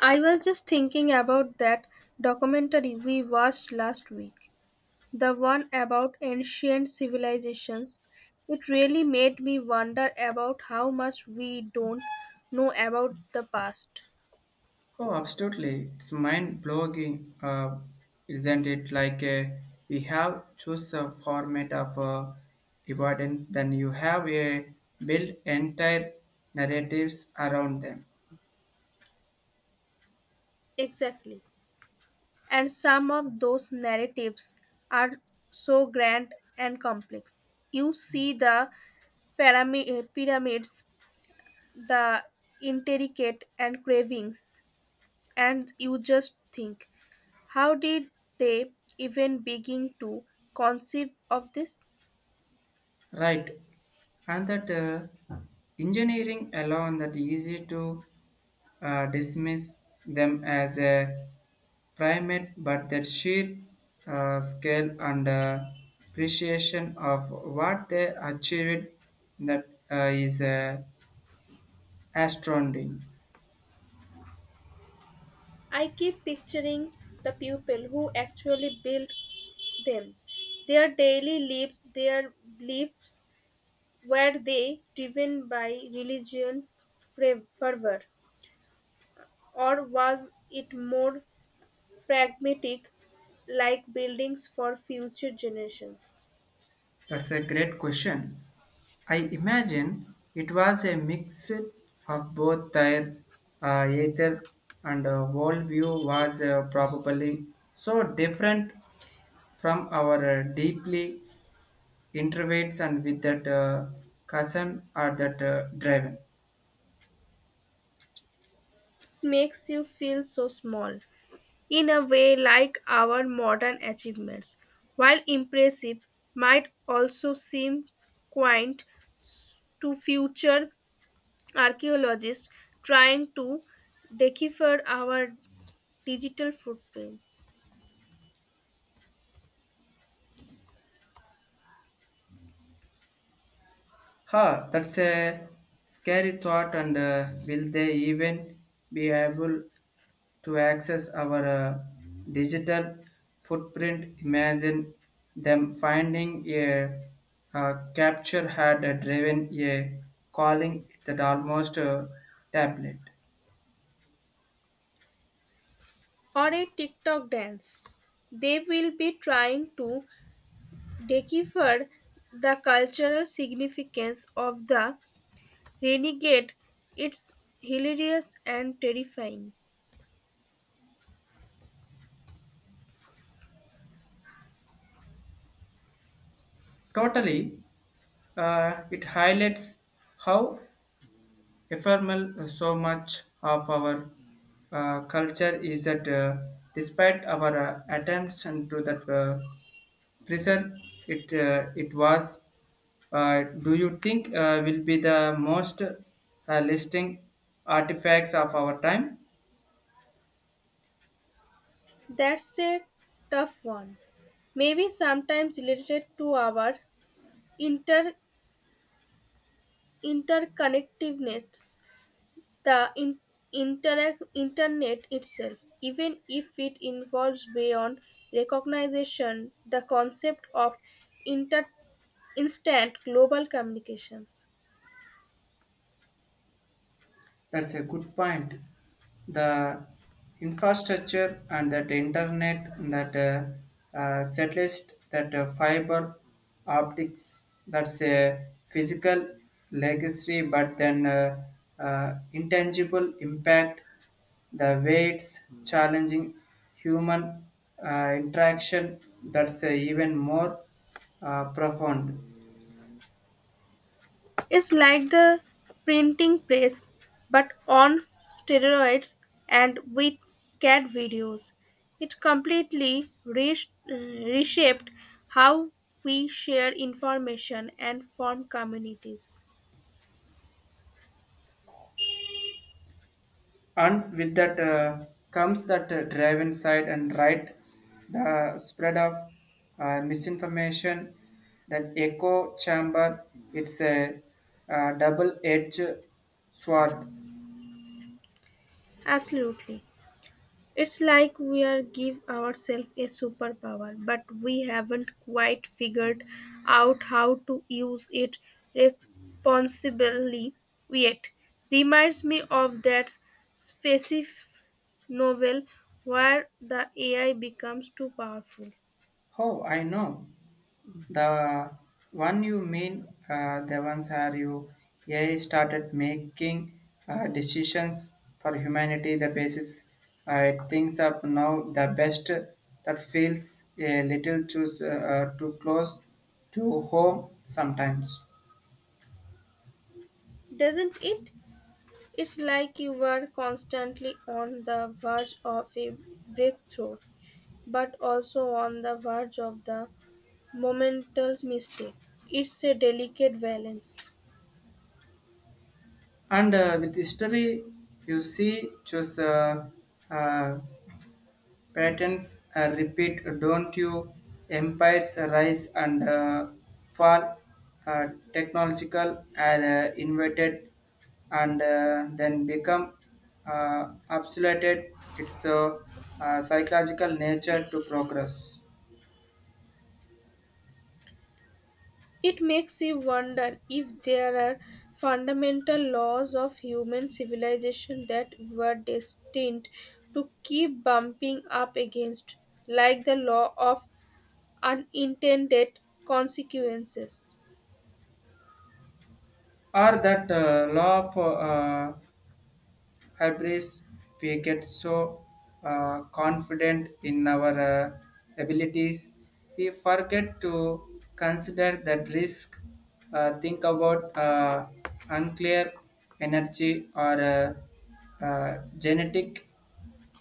I was just thinking about that documentary we watched last week, the one about ancient civilizations. It really made me wonder about how much we don't know about the past. Oh, absolutely. It's mind blowing, isn't it? Like we have choose a format of evidence, then you have a built entire narratives around them. Exactly. And some of those narratives are so grand and complex. You see the pyramids, the intricate and cravings, and you just think, how did they even begin to conceive of this? Right. And that engineering alone that easy to dismiss them as a primate, but that sheer scale and appreciation of what they achieved that is astounding. I keep picturing the people who actually built them, their daily lives, their beliefs. Were they driven by fervor, or was it more pragmatic, like buildings for future generations? That's a great question. I imagine it was a mix of both their ether and worldview was probably so different from our deeply introverts and with that cousin or that driven. Makes you feel so small, in a way, like our modern achievements. While impressive, might also seem quaint to future archaeologists trying to decipher our digital footprints. That's a scary thought, and will they even be able to access our digital footprint? Imagine them finding a, capture had driven a calling that almost a tablet. Or a TikTok dance. They will be trying to decipher the cultural significance of the renegade. It's hilarious and terrifying. Totally, it highlights how ephemeral, so much of our culture is that despite our attempts and to that preserve it, it was. Do you think will be the most listing artifacts of our time? That's a tough one. Maybe sometimes related to our inter interconnectedness, the in, interact internet itself. Even if it involves beyond recognition, the concept of inter, instant global communications. That's a good point. The infrastructure and that internet and that satellite, that fiber optics, that's a physical legacy, but then intangible impact, the weights challenging human interaction, that's even more profound. It's like the printing press, but on steroids and with cat videos. It completely reshaped how we share information and form communities. And with that comes that drive inside and right the spread of misinformation, that echo chamber, it's a, double edged sword. Absolutely. It's like we are give ourselves a superpower, but we haven't quite figured out how to use it responsibly yet. Reminds me of that specific novel where the AI becomes too powerful. Oh, I know. The one you mean, the ones are you AI started making decisions for humanity. The basis it thinks up now the best that feels a little too too close to home sometimes. Doesn't it? It's like you are constantly on the verge of a breakthrough, but also on the verge of the momentous mistake. It's a delicate balance. And with history, you see, just uh, patterns repeat, don't you? Empires rise and fall. Uh, technological are invented and then become obsolete. It's a psychological nature to progress. It makes you wonder if there are fundamental laws of human civilization that were destined to keep bumping up against, like the law of unintended consequences. Or that law of hubris we get so confident in our abilities we forget to consider that risk think about unclear energy or genetic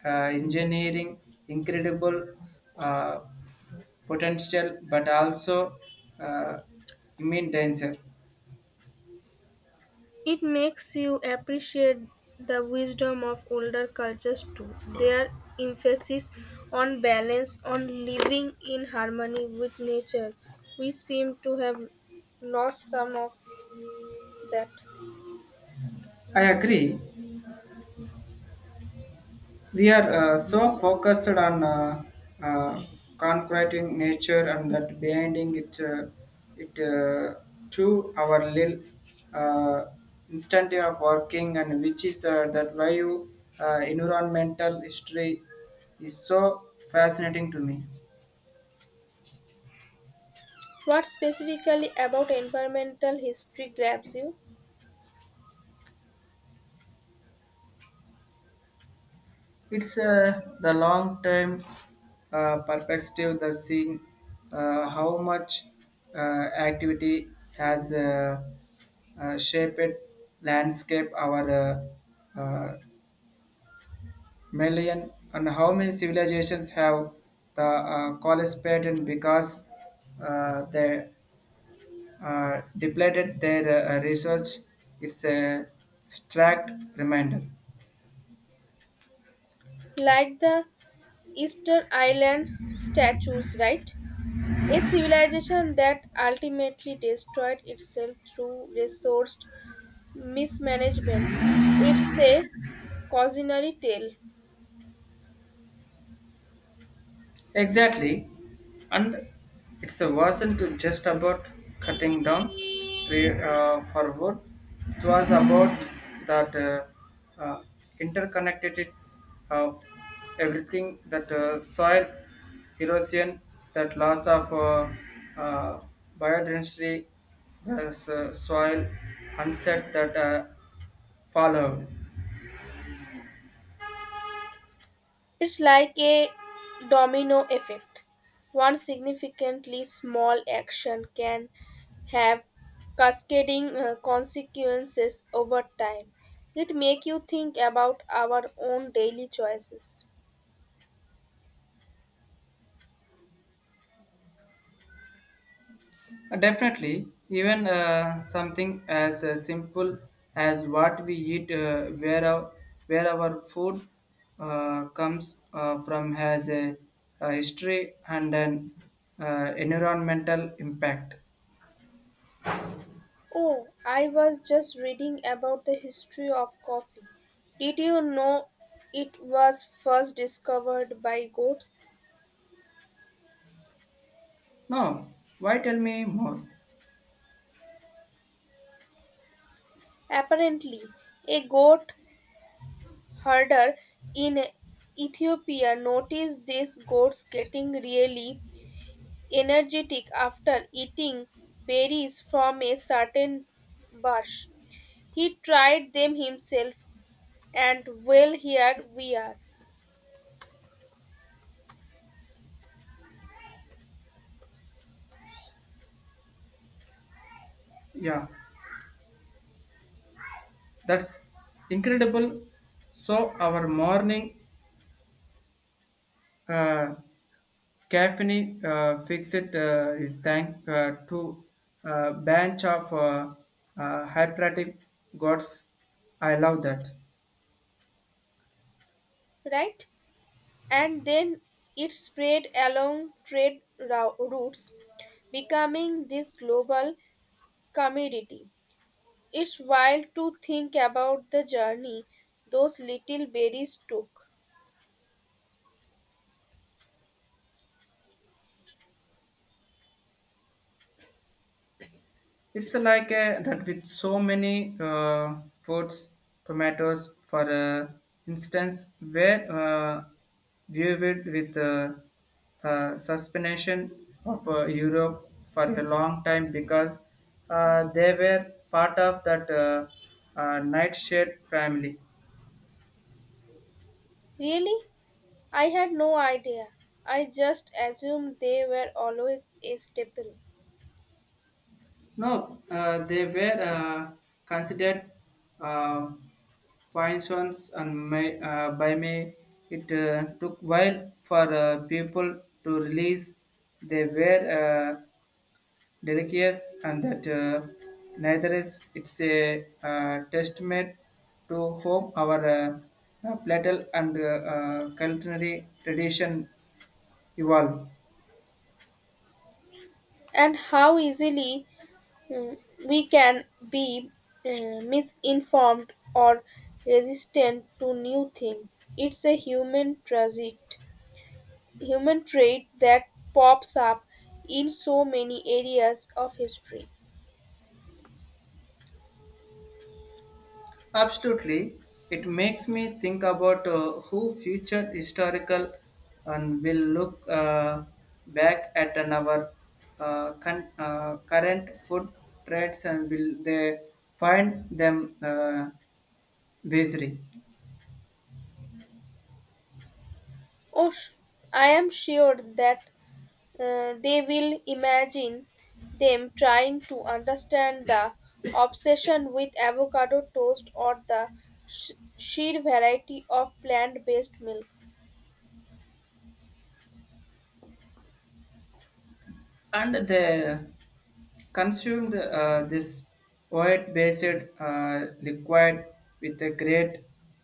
engineering incredible uh, potential but also uh, immune danger. It makes you appreciate the wisdom of older cultures too. Their emphasis on balance, on living in harmony with nature. We seem to have lost some of that. I agree we are so focused on uh, concreting nature and that binding it it to our little uh, instant way of working and which is that why you environmental history is so fascinating to me. What specifically about environmental history grabs you? It's the long term perspective, the seeing how much uh, activity has shaped landscape our uh, uh, million and how many civilizations have the participated because they depleted their research. It's a stark reminder. Like the Easter Island statues, right? A civilization that ultimately destroyed itself through resource mismanagement. It's a cautionary tale. Exactly. And it's a wasn't just about cutting down tree for wood. It was about that uh, interconnectedness of everything that soil erosion, that loss of uh, biodiversity, the soil onset that followed. It's like a domino effect. One significantly small action can have cascading consequences over time. It make you think about our own daily choices. Definitely, even something as simple as what we eat, where our food comes from, has a history and an environmental impact. Oh, I was just reading about the history of coffee. Did you know it was first discovered by goats? No, why tell me more? Apparently, a goat herder in Ethiopia noticed these goats getting really energetic after eating berries from a certain bush. He tried them himself, and well, here we are, Yeah, that's incredible. So, our morning uh, caffeine fixit is thank to a bunch of hyperative gods. I love that. right? And then it spread along routes, becoming this global commodity. It's wild to think about the journey those little berries took. It's like that with so many foods, tomatoes, for instance, where viewed with suspension of Europe for a long time because they were part of that nightshade family. Really? I had no idea. I just assumed they were always a staple. No, they were considered uh, poisons and may, by me. It took while for people to release. They were delicious and that neither is it's a testament to whom our platel and culinary tradition evolve. And how easily, mm, we can be misinformed or resistant to new things. It's a human trait that pops up in so many areas of history. Absolutely. It makes me think about who future historical and will look back at an our current food trends and will they find them bizarre. Oh, I am sure that they will imagine them trying to understand the obsession with avocado toast or the sheer variety of plant based milks, And they consumed this oil based liquid with a great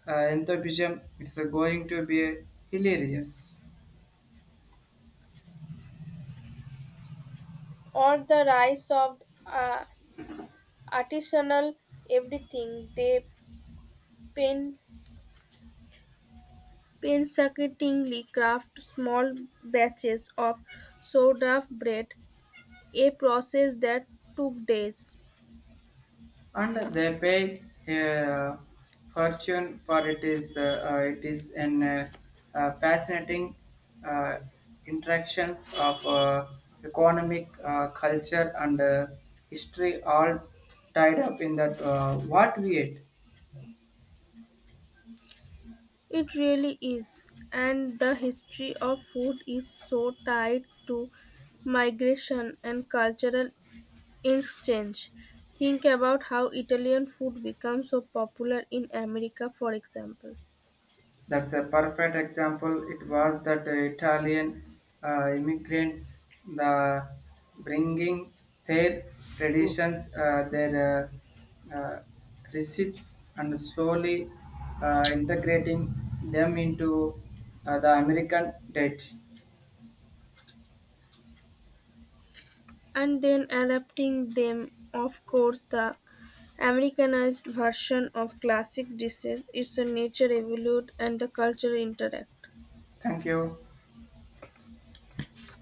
enthusiasm. It's going to be hilarious. or the rise of artisanal everything. They pain- painstakingly craft small batches of sourdough bread, a process that took days. And they pay a fortune for it is an fascinating uh, interactions of economic culture and history all tied up in that what we ate. It really is. And the history of food is so tied to migration and cultural exchange. Think about how Italian food became so popular in America, for example, That's a perfect example. It was that Italian immigrants, the bringing their traditions, their uh, uh, recipes, and slowly integrating them into the American diet. and then adapting them. Of course, the Americanized version of classic dishes is a nature evolved and the culture interact. Thank you.